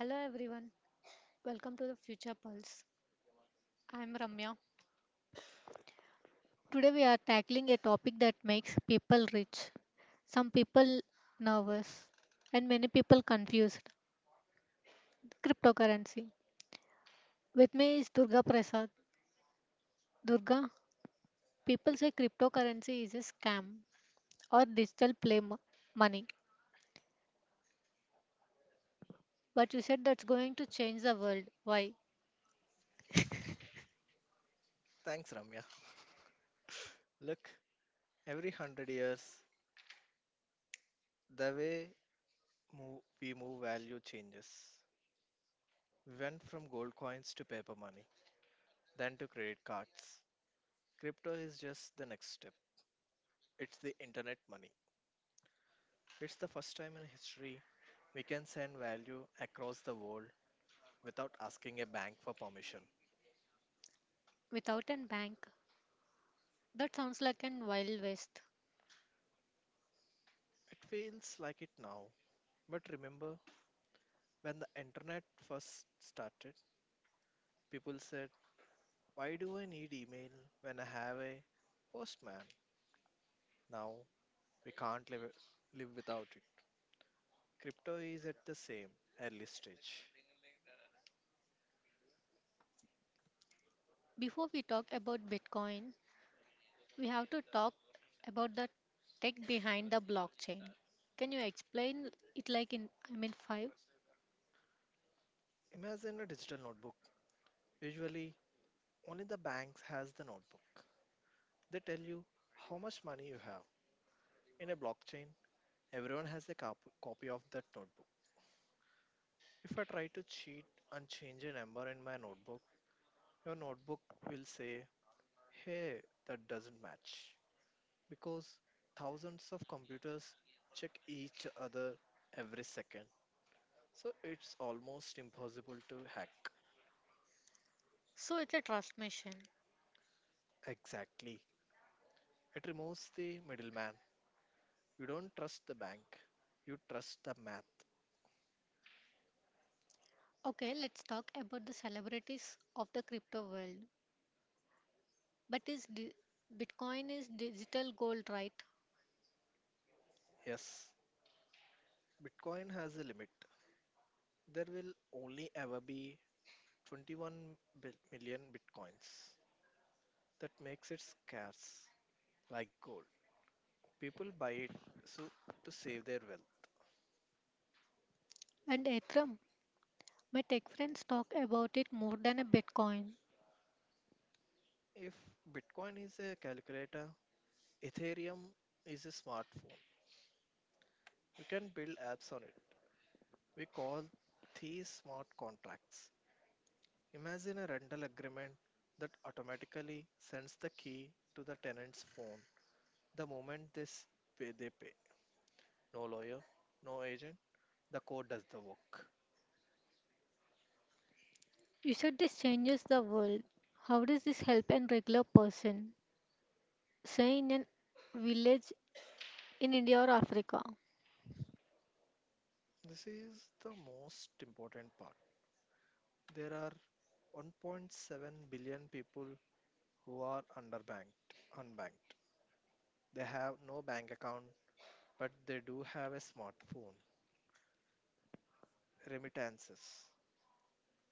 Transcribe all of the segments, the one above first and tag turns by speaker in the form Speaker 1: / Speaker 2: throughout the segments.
Speaker 1: Hello everyone, welcome to the Future Pulse. I am Ramya. Today we are tackling a topic that makes people rich, some people nervous, and many people confused cryptocurrency. With me is Durga Prasad. Durga, people say cryptocurrency is a scam or digital money, but you said that's going to change the world. Why?
Speaker 2: Thanks, Ramya. Look, every hundred years, the way we move value changes. We went from gold coins to paper money, then to credit cards. Crypto is just the next step. It's the internet money. It's the first time in history we can send value across the world without asking a bank for permission.
Speaker 1: Without a bank? That sounds like an wild west.
Speaker 2: It feels like it now, but remember when the internet first started, people said, "Why do I need email when I have a postman?" Now we can't live without it. Crypto is at the same early stage.
Speaker 1: Before we talk about Bitcoin, we have to talk about the tech behind the blockchain. Can you explain it like in five?
Speaker 2: Imagine a digital notebook. Usually, only the banks has the notebook. They tell you how much money you have. In a blockchain, everyone has a copy of that notebook. If I try to cheat and change a number in my notebook, your notebook will say, "Hey, that doesn't match." Because thousands of computers check each other every second. So it's almost impossible to hack.
Speaker 1: So it's a trust machine.
Speaker 2: Exactly. It removes the middleman. You don't trust the bank, you trust the math.
Speaker 1: Okay, let's talk about the celebrities of the crypto world. But is di- Bitcoin is digital gold, right?
Speaker 2: Yes, Bitcoin has a limit. There will only ever be 21 million Bitcoins. That makes it scarce, like gold. People buy it so to save their wealth.
Speaker 1: And Ethereum, my tech friends talk about it more than a Bitcoin.
Speaker 2: If Bitcoin is a calculator, Ethereum is a smartphone. You can build apps on it. We call these smart contracts. Imagine a rental agreement that automatically sends the key to the tenant's phone the moment they s- pay. They pay. No lawyer, no agent. The code does the work.
Speaker 1: You said this changes the world. How does this help a regular person, say in a village in India or Africa?
Speaker 2: This is the most important part. There are 1.7 billion people who are underbanked, unbanked. They have no bank account, but they do have a smartphone. Remittances.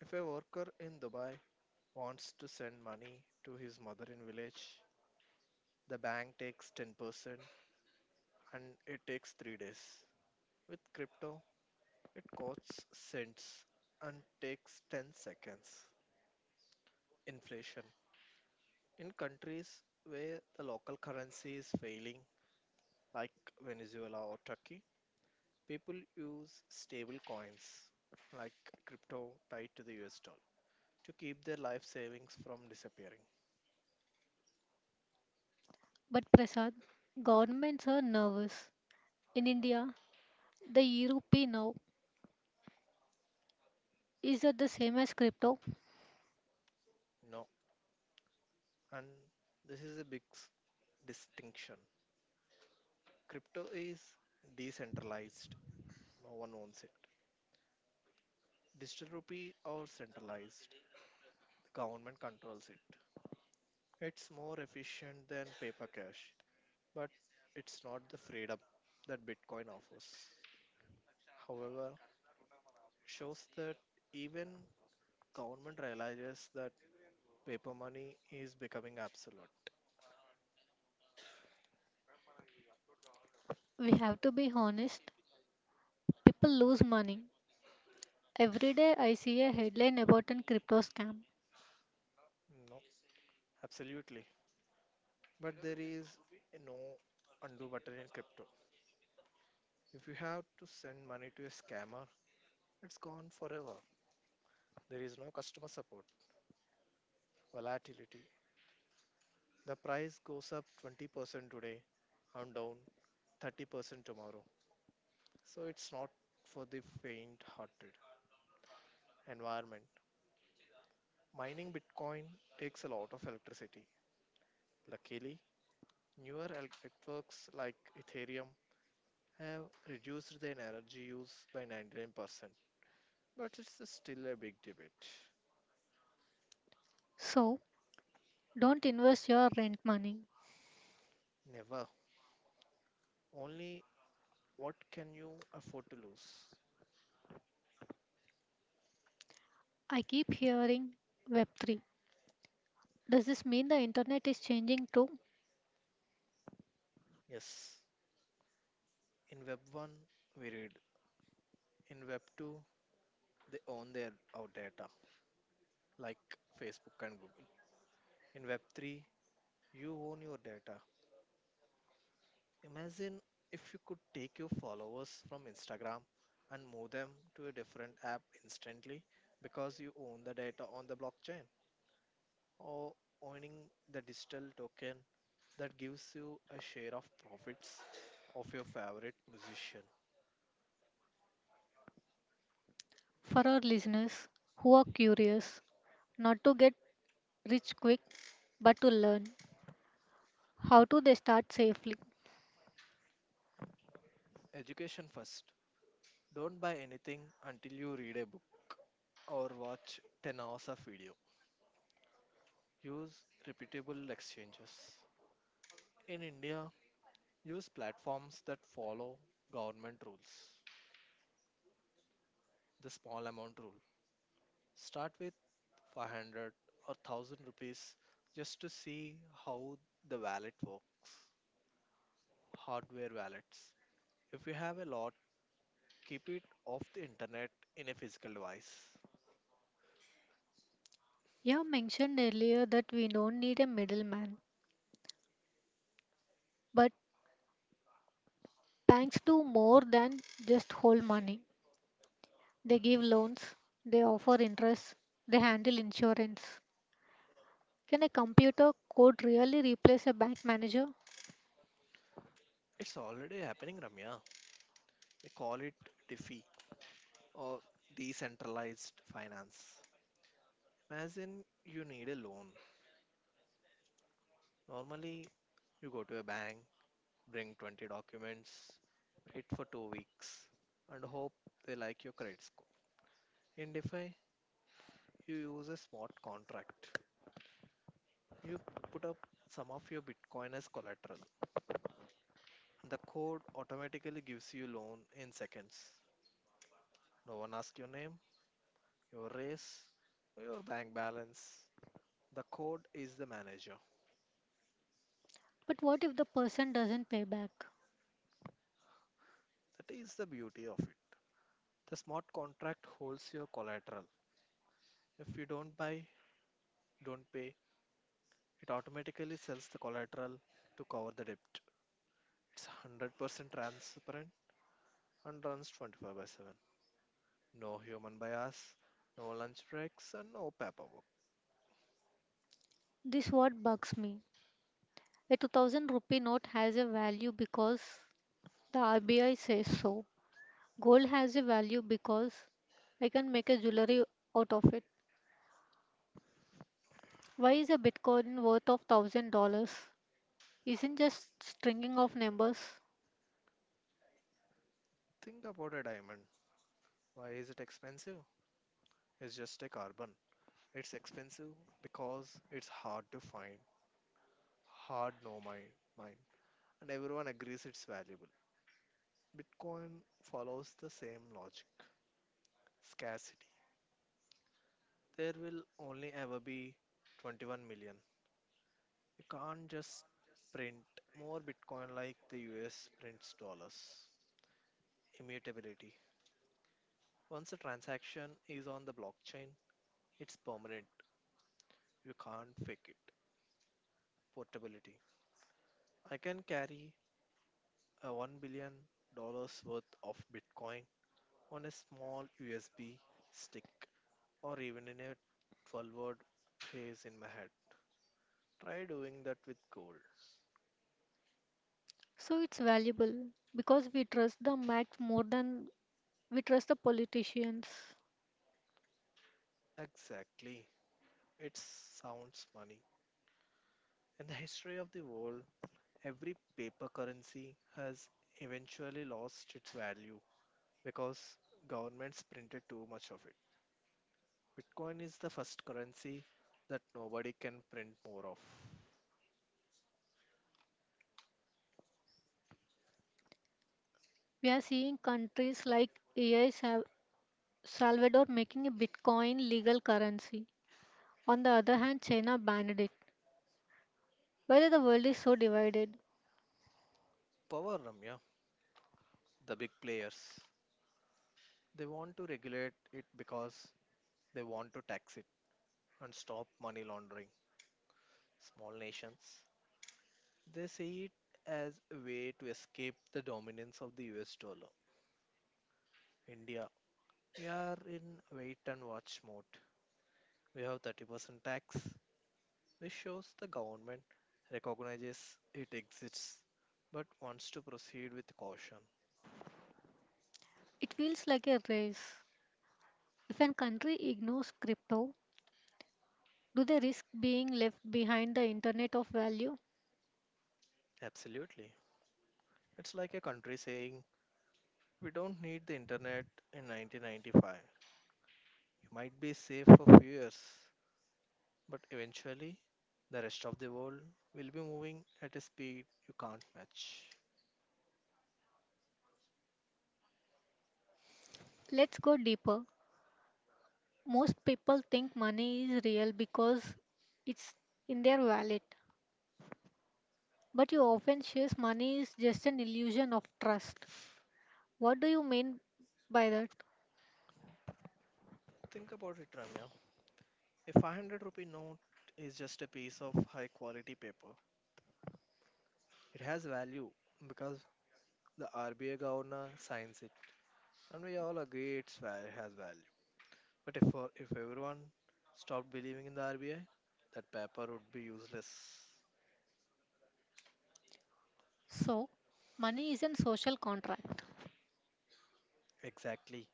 Speaker 2: If a worker in Dubai wants to send money to his mother in village, the bank takes 10% and it takes 3 days. With crypto, it costs cents and takes 10 seconds. Inflation. In countries where the local currency is failing, like Venezuela or Turkey, people use stable coins like crypto tied to the US dollar to keep their life savings from disappearing.
Speaker 1: But Prasad, governments are nervous. In India, the rupee now, is that the same as crypto?
Speaker 2: No, and this is a distinction. Crypto is decentralized, no one owns it. Digital rupee or centralized. The government controls it. It's more efficient than paper cash, but it's not the freedom that Bitcoin offers. However, it shows that even government realizes that paper money is becoming absolute.
Speaker 1: We have to be honest. People lose money. Every day I see a headline about a crypto scam.
Speaker 2: No, absolutely. But there is no undo button in crypto. If you have to send money to a scammer, it's gone forever. There is no customer support. Volatility, the price goes up 20% today and down 30% tomorrow. So it's not for the faint hearted. Environment. Mining Bitcoin takes a lot of electricity. Luckily, newer networks like Ethereum have reduced their energy use by 99%. But it's still a big debate.
Speaker 1: So don't invest your rent money.
Speaker 2: Never. Only what can you afford to lose?
Speaker 1: I keep hearing Web3. Does this mean the internet is changing too?
Speaker 2: Yes, in Web 1, we read. In Web 2, they own their our data, like Facebook and Google. In Web3, you own your data. Imagine if you could take your followers from Instagram and move them to a different app instantly because you own the data on the blockchain, or owning the digital token that gives you a share of profits of your favorite musician.
Speaker 1: For our listeners who are curious, not to get rich quick, but to learn, how do they start safely?
Speaker 2: Education first. Don't buy anything until you read a book or watch 10 hours of video. Use reputable exchanges. In India, use platforms that follow government rules. The small amount rule. Start with 500 or 1,000 rupees just to see how the wallet works. Hardware wallets. If you have a lot, keep it off the internet in a physical device.
Speaker 1: You mentioned earlier that we don't need a middleman, but banks do more than just hold money. They give loans, they offer interest, they handle insurance. Can a computer code really replace a bank manager?
Speaker 2: It's already happening, Ramya. We call it DeFi, or decentralized finance. Imagine you need a loan. Normally, you go to a bank, bring 20 documents, wait for 2 weeks, and hope they like your credit score. In DeFi, you use a smart contract. You put up some of your Bitcoin as collateral, and the code automatically gives you loan in seconds. No one asks your name, your race, or your bank balance. The code is the manager.
Speaker 1: But what if the person doesn't pay back?
Speaker 2: That is the beauty of it. The smart contract holds your collateral. If you don't pay, it automatically sells the collateral to cover the debt. It's 100% transparent and runs 24 by 7. No human bias, no lunch breaks, and no paperwork.
Speaker 1: This what bugs me. A 2000 rupee note has a value because the RBI says so. Gold has a value because I can make a jewelry out of it. Why is a Bitcoin worth of $1000? Isn't just stringing of numbers.
Speaker 2: Think about a diamond. Why is it expensive? It's just a carbon. It's expensive because it's hard to find, hard no mine, mine, and everyone agrees it's valuable. Bitcoin follows the same logic. Scarcity. There will only ever be 21 million. You can't just print more Bitcoin like the US prints dollars. Immutability. Once a transaction is on the blockchain, it's permanent. You can't fake it. Portability. I can carry a $1 billion dollars worth of Bitcoin on a small USB stick, or even in a 12 word phrase in my head. Try doing that with gold.
Speaker 1: So it's valuable because we trust the Mac more than we trust the politicians.
Speaker 2: Exactly. It sounds funny. In the history of the world, every paper currency has eventually lost its value because governments printed too much of it. Bitcoin is the first currency that nobody can print more of.
Speaker 1: We are seeing countries like AI Sa- Salvador making a Bitcoin legal currency. On the other hand, China banned it. Whether the world is so divided,
Speaker 2: Power, Ramya, the big players, they want to regulate it because they want to tax it and stop money laundering. Small nations, they see it as a way to escape the dominance of the US dollar. India, we are in wait and watch mode. We have 30% tax, which shows the government recognizes it exists but wants to proceed with caution.
Speaker 1: it feels like a race. If a country ignores crypto, do they risk being left behind the internet of value?
Speaker 2: Absolutely. It's like a country saying, we don't need the internet in 1995. You might be safe for few years, but eventually the rest of the world will be moving at a speed you can't match.
Speaker 1: Let's go deeper. Most people think money is real because it's in their wallet, but you often shares money is just an illusion of trust. What do you mean by that?
Speaker 2: Think about it, Ramya. A 500 rupee note is just a piece of high quality paper. It has value because the RBI governor signs it. And we all agree has value. But if everyone stopped believing in the RBI, that paper would be useless.
Speaker 1: So, money is a social contract,
Speaker 2: Exactly.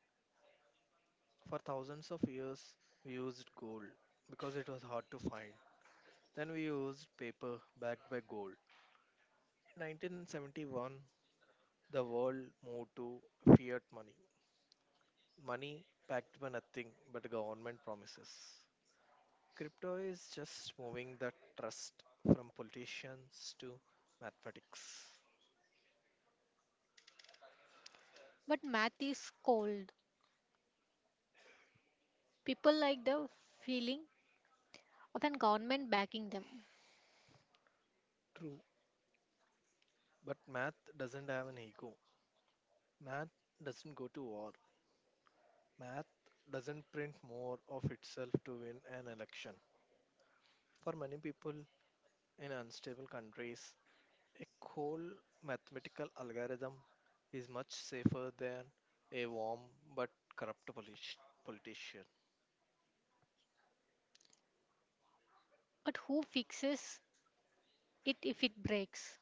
Speaker 2: For thousands of years, we used gold because it was hard to find. Then we used paper backed by gold. In 1971, the world moved to fiat money, money backed by nothing but government promises. Crypto is just moving the trust from politicians to mathematics.
Speaker 1: but math is cold. People like the feeling of a government backing them,
Speaker 2: True. But math doesn't have an ego. Math doesn't go to war. Math doesn't print more of itself to win an election. For many people in unstable countries, a cold mathematical algorithm is much safer than a warm but corrupt politician.
Speaker 1: but who fixes it if it breaks?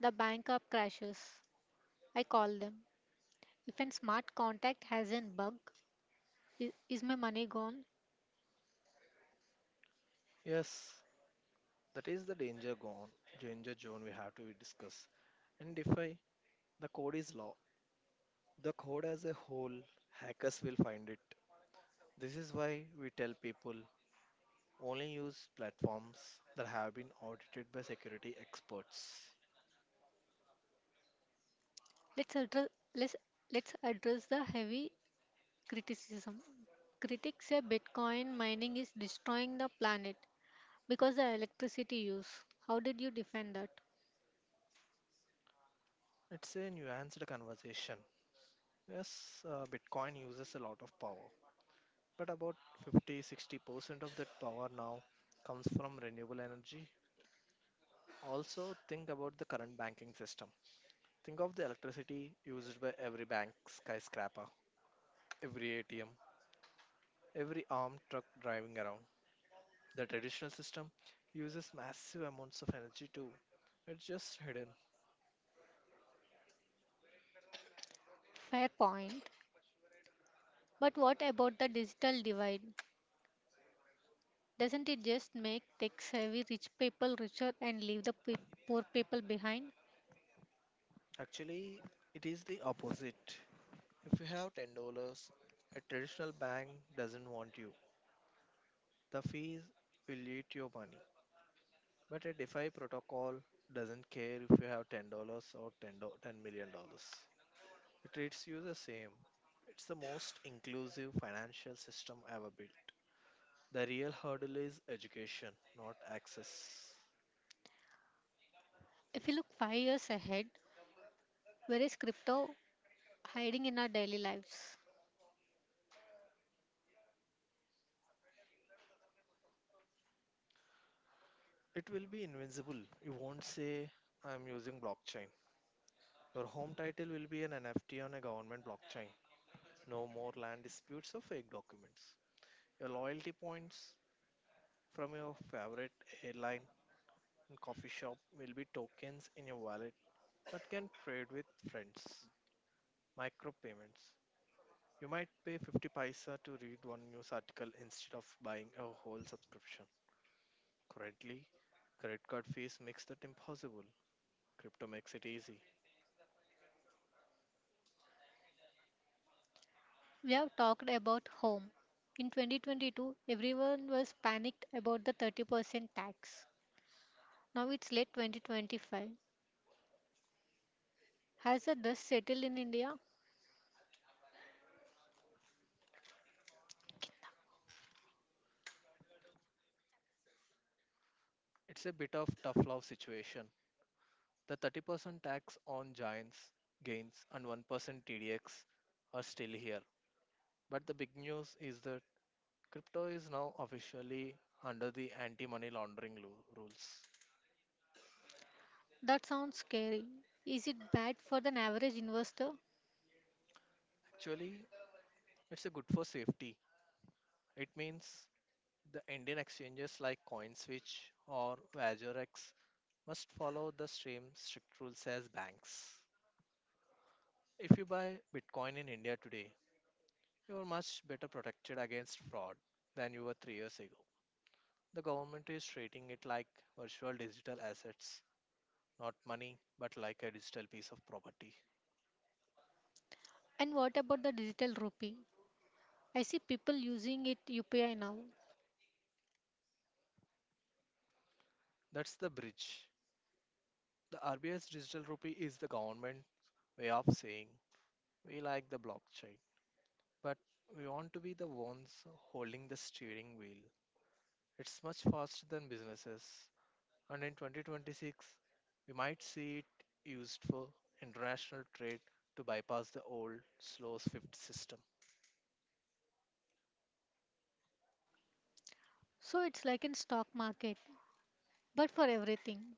Speaker 1: The bank up crashes. I call them. If a smart contact has a bug, is my money gone?
Speaker 2: Yes, that is the danger zone we have to discuss. And defy the code is law. The code as a whole, hackers will find it. This is why we tell people only use platforms that have been audited by security experts.
Speaker 1: Let's address let's let's address the heavy criticism. Critics say Bitcoin mining is destroying the planet because the electricity use. How did you defend that?
Speaker 2: It's a nuanced conversation. Yes, Bitcoin uses a lot of power, but about 50 60% of that power now comes from renewable energy. Also, think about the current banking system. Think of the electricity used by every bank skyscraper, every ATM, every armed truck driving around. The traditional system uses massive amounts of energy too. It's just hidden.
Speaker 1: Fair point. But what about the digital divide? Doesn't it just make tech savvy rich people richer and leave the poor people behind?
Speaker 2: Actually, it is the opposite. If you have $10, a traditional bank doesn't want you. The fees will eat your money. But a DeFi protocol doesn't care if you have $10 or $10 million dollars. It treats you the same. It's the most inclusive financial system ever built. The real hurdle is education, not access.
Speaker 1: If you look 5 years ahead, where is crypto hiding in our daily lives?
Speaker 2: It will be invincible. You won't say, I'm using blockchain. Your home title will be an NFT on a government blockchain. No more land disputes or fake documents. Your loyalty points from your favorite airline and coffee shop will be tokens in your wallet that can trade with friends. Micropayments. You might pay 50 paisa to read one news article instead of buying a whole subscription. Currently, credit card fees makes that impossible. Crypto makes it easy.
Speaker 1: We have talked about home. In 2022, everyone was panicked about the 30% tax. Now it's late 2025. Has the dust settled in India?
Speaker 2: It's a bit of tough love situation. The 30% tax on giants gains and 1% TDX are still here. But the big news is that crypto is now officially under the anti money laundering rules.
Speaker 1: That sounds scary. Is it bad for an average investor?
Speaker 2: Actually, it's a good for safety. It means the Indian exchanges like CoinSwitch or Vajorex must follow the same strict rules as banks. If you buy Bitcoin in India today, you are much better protected against fraud than you were 3 years ago. The government is treating it like virtual digital assets, not money, but like a digital piece of property.
Speaker 1: And what about the digital rupee? I see people using it UPI now.
Speaker 2: That's the bridge. The RBI's digital rupee is the government way of saying we like the blockchain, but we want to be the ones holding the steering wheel. It's much faster than businesses, and in 2026, we might see it used for international trade to bypass the old slow swift system.
Speaker 1: So it's like in stock market, but for everything.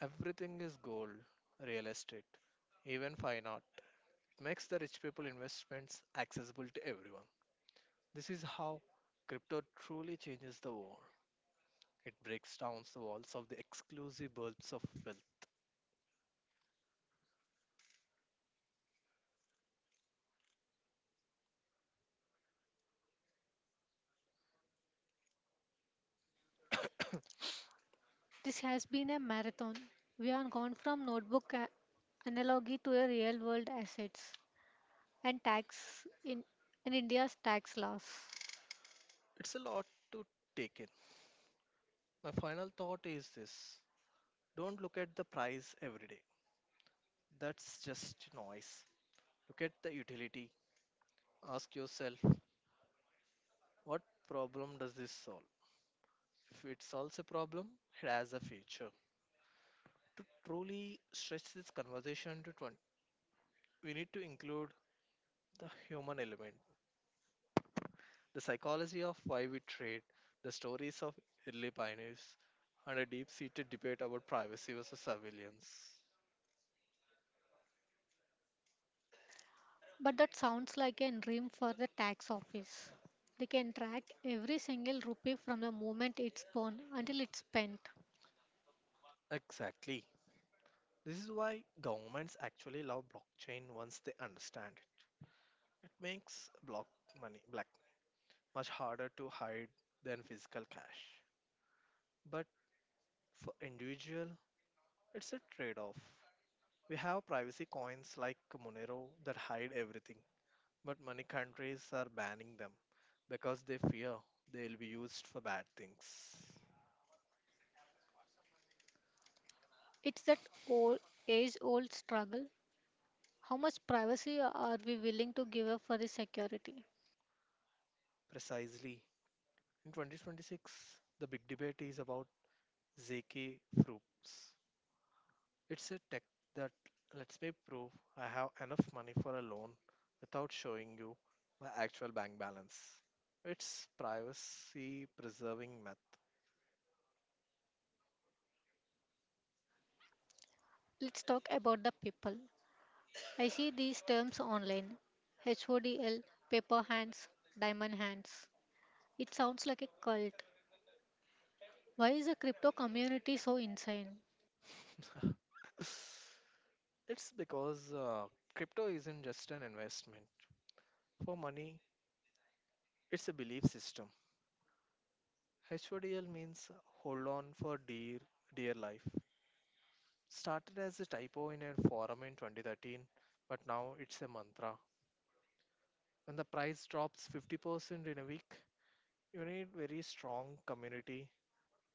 Speaker 2: Everything is gold, real estate, even fine art. It makes the rich people investments accessible to everyone. This is how crypto truly changes the world. It breaks down the walls of the exclusive bulbs of wealth.
Speaker 1: This has been a marathon. We have gone from analogy to a real world assets, and tax in India's tax laws.
Speaker 2: It's a lot to take in. My final thought is this: don't look at the price every day. That's just noise. Look at the utility. Ask yourself, what problem does this solve? If it solves a problem, it has a future. To truly stretch this conversation to 20, we need to include the human element, the psychology of why we trade, the stories of early pioneers, and a deep seated debate about privacy versus surveillance.
Speaker 1: But that sounds like a dream for the tax office. They can track every single rupee from the moment it's born until it's spent.
Speaker 2: Exactly. This is why governments actually love blockchain once they understand it. It makes block money black much harder to hide than physical cash. But for individual, it's a trade-off. We have privacy coins like Monero that hide everything. But many countries are banning them because they fear they'll be used for bad things.
Speaker 1: It's that old age old struggle. How much privacy are we willing to give up for the security?
Speaker 2: Precisely. In 2026, the big debate is about Zeki Fruits. It's a tech that lets me prove I have enough money for a loan without showing you my actual bank balance. It's privacy preserving
Speaker 1: Let's talk about the people. I see these terms online. HODL, paper hands, diamond hands. It sounds like a cult. Why is the crypto community so insane?
Speaker 2: method. It's because crypto isn't just an investment. For money, it's a belief system. HODL means hold on for dear life. Started as a typo in a forum in 2013, but now it's a mantra. When the price drops 50% in a week, you need very strong community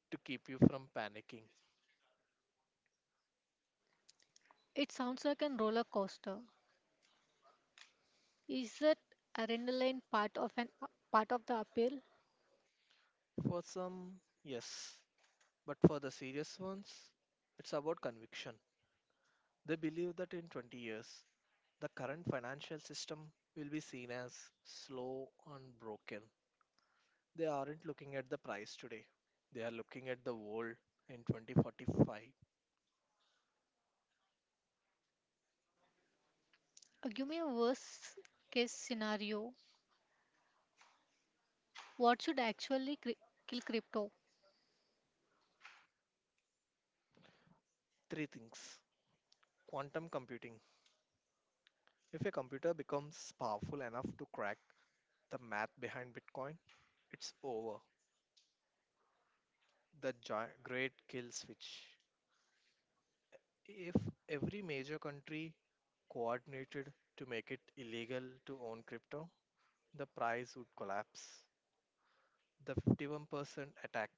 Speaker 2: to keep you from panicking.
Speaker 1: It sounds like a roller coaster. Is that adrenaline part of the appeal?
Speaker 2: For some, yes, but for the serious ones, it's about conviction. They believe that in 20 years, the current financial system will be seen as slow and broken. They aren't looking at the price today. They are looking at the world in 2045.
Speaker 1: Give me a worst case scenario. What should kill crypto?
Speaker 2: Three things. Quantum computing. If a computer becomes powerful enough to crack the math behind Bitcoin, it's over. Great kill switch. If every major country coordinated to make it illegal to own crypto, the price would collapse. The 51% attack.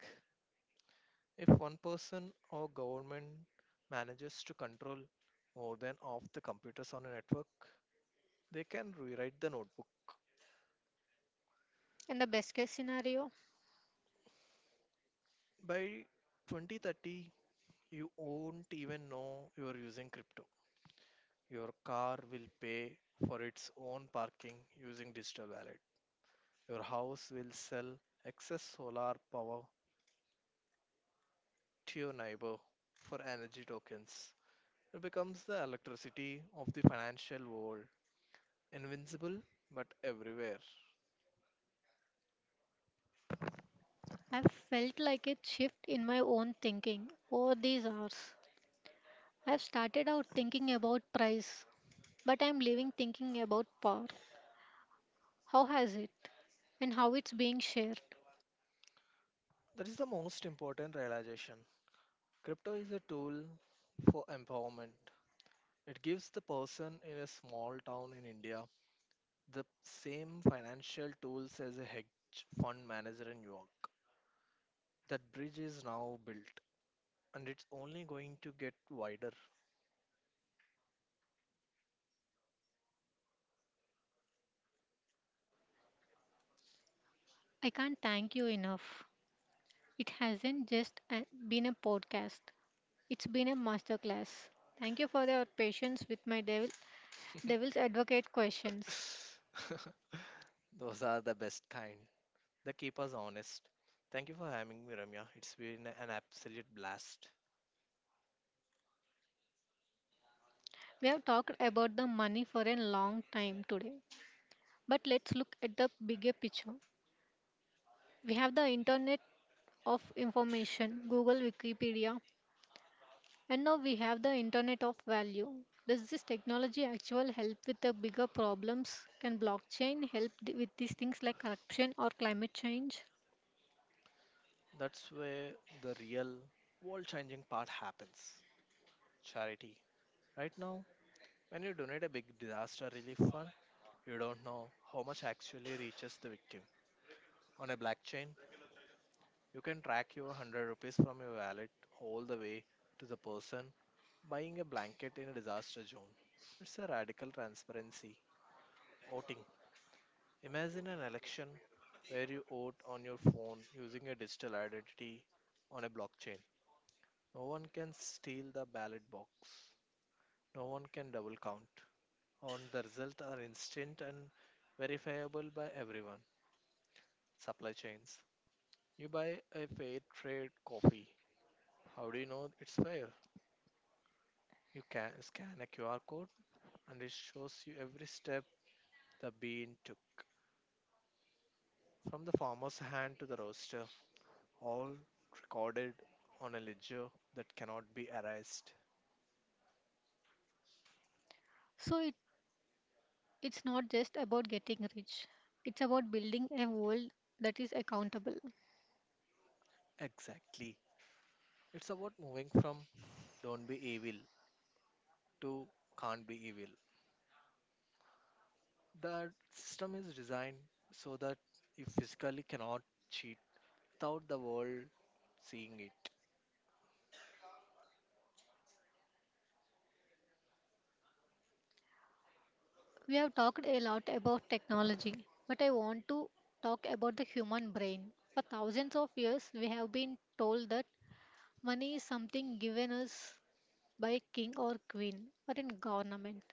Speaker 2: If one person or government manages to control more than half the computers on a network, they can rewrite the notebook.
Speaker 1: And the best case scenario,
Speaker 2: By 2030, you won't even know you are using crypto. Your car will pay for its own parking using digital wallet. Your house will sell excess solar power to your neighbor for energy tokens. It becomes the electricity of the financial world, invincible but everywhere.
Speaker 1: I've felt like a shift in my own thinking over these hours. I've started out thinking about price, but I'm leaving thinking about power. How has it how it's being shared?
Speaker 2: That is the most important realization. Crypto is a tool for empowerment. It gives the person in a small town in India the same financial tools as a hedge fund manager in New York. That bridge is now built, and it's only going to get wider.
Speaker 1: I can't thank you enough. It hasn't been a podcast. It's been a masterclass. Thank you for your patience with my devil's advocate questions.
Speaker 2: Those are the best kind. They keep us honest. Thank you for having me, Ramya. It's been an absolute blast.
Speaker 1: We have talked about the money for a long time today, but let's look at the bigger picture. We have the internet of information, Google, Wikipedia, and now we have the internet of value. Does this technology actually help with the bigger problems? Can blockchain help with these things like corruption or climate change?
Speaker 2: That's where the real world changing part happens: charity. Right now, when you donate a big disaster relief fund, you don't know how much actually reaches the victim. On a blockchain, you can track your 100 rupees from your wallet all the way to the person buying a blanket in a disaster zone. It's a radical transparency. Voting. Imagine an election where you vote on your phone using a digital identity on a blockchain. No one can steal the ballot box. No one can double count. On the results are instant and verifiable by everyone. Supply chains. You buy a fair trade coffee. How do you know it's fair? You can scan a QR code and it shows you every step the bean took from the farmer's hand to the roaster, all recorded on a ledger that cannot be erased.
Speaker 1: So it It's not just about getting rich, it's about building a world that is accountable.
Speaker 2: Exactly. It's about moving from "don't be evil" to "can't be evil." The system is designed so that you physically cannot cheat without the world seeing it.
Speaker 1: We have talked a lot about technology, but I want to talk about the human brain. For thousands of years, we have been told that money is something given us by a king or queen or in government.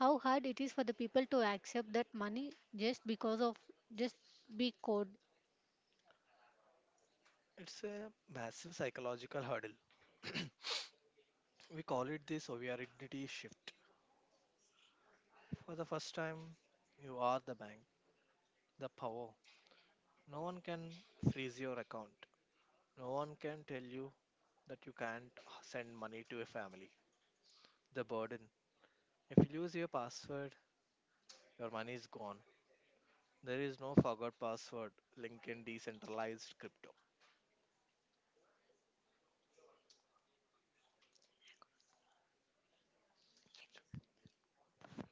Speaker 1: How hard it is for the people to accept that money just because of just be code.
Speaker 2: It's a massive psychological hurdle. We call it the sovereignty shift. For the first time, you are the bank, the power. No one can freeze your account. No one can tell you that you can't send money to a family. The burden. If you lose your password, your money is gone. There is no forgot password link in decentralized crypto.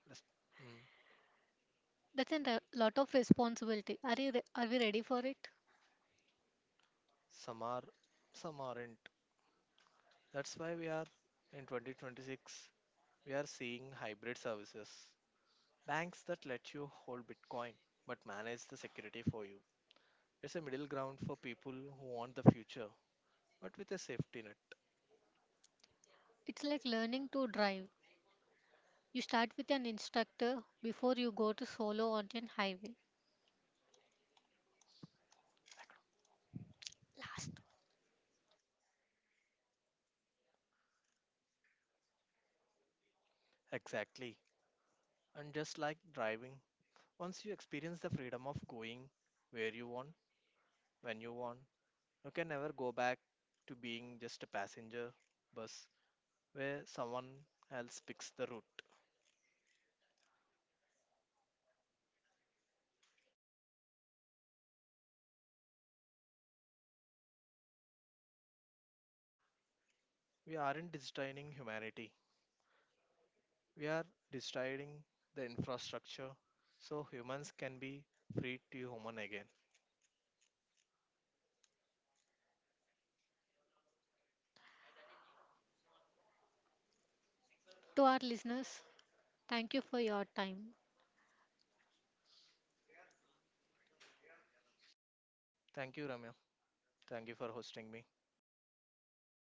Speaker 2: Yes. Mm.
Speaker 1: That's a lot of responsibility. Are we ready for it?
Speaker 2: Some are, some aren't. That's why we are in 2026. We are seeing hybrid services. Banks that let you hold Bitcoin but manage the security for you. It's a middle ground for people who want the future but with a safety net.
Speaker 1: It's like learning to drive. You start with an instructor before you go to solo on a highway. Last,
Speaker 2: Exactly. And just like driving, once you experience the freedom of going where you want, when you want, you can never go back to being just a passenger bus where someone else picks the route. We aren't destroying humanity, we are destroying the infrastructure so humans can be free to human again.
Speaker 1: to our listeners, thank you for your time.
Speaker 2: Thank you, Ramya. Thank you for hosting me.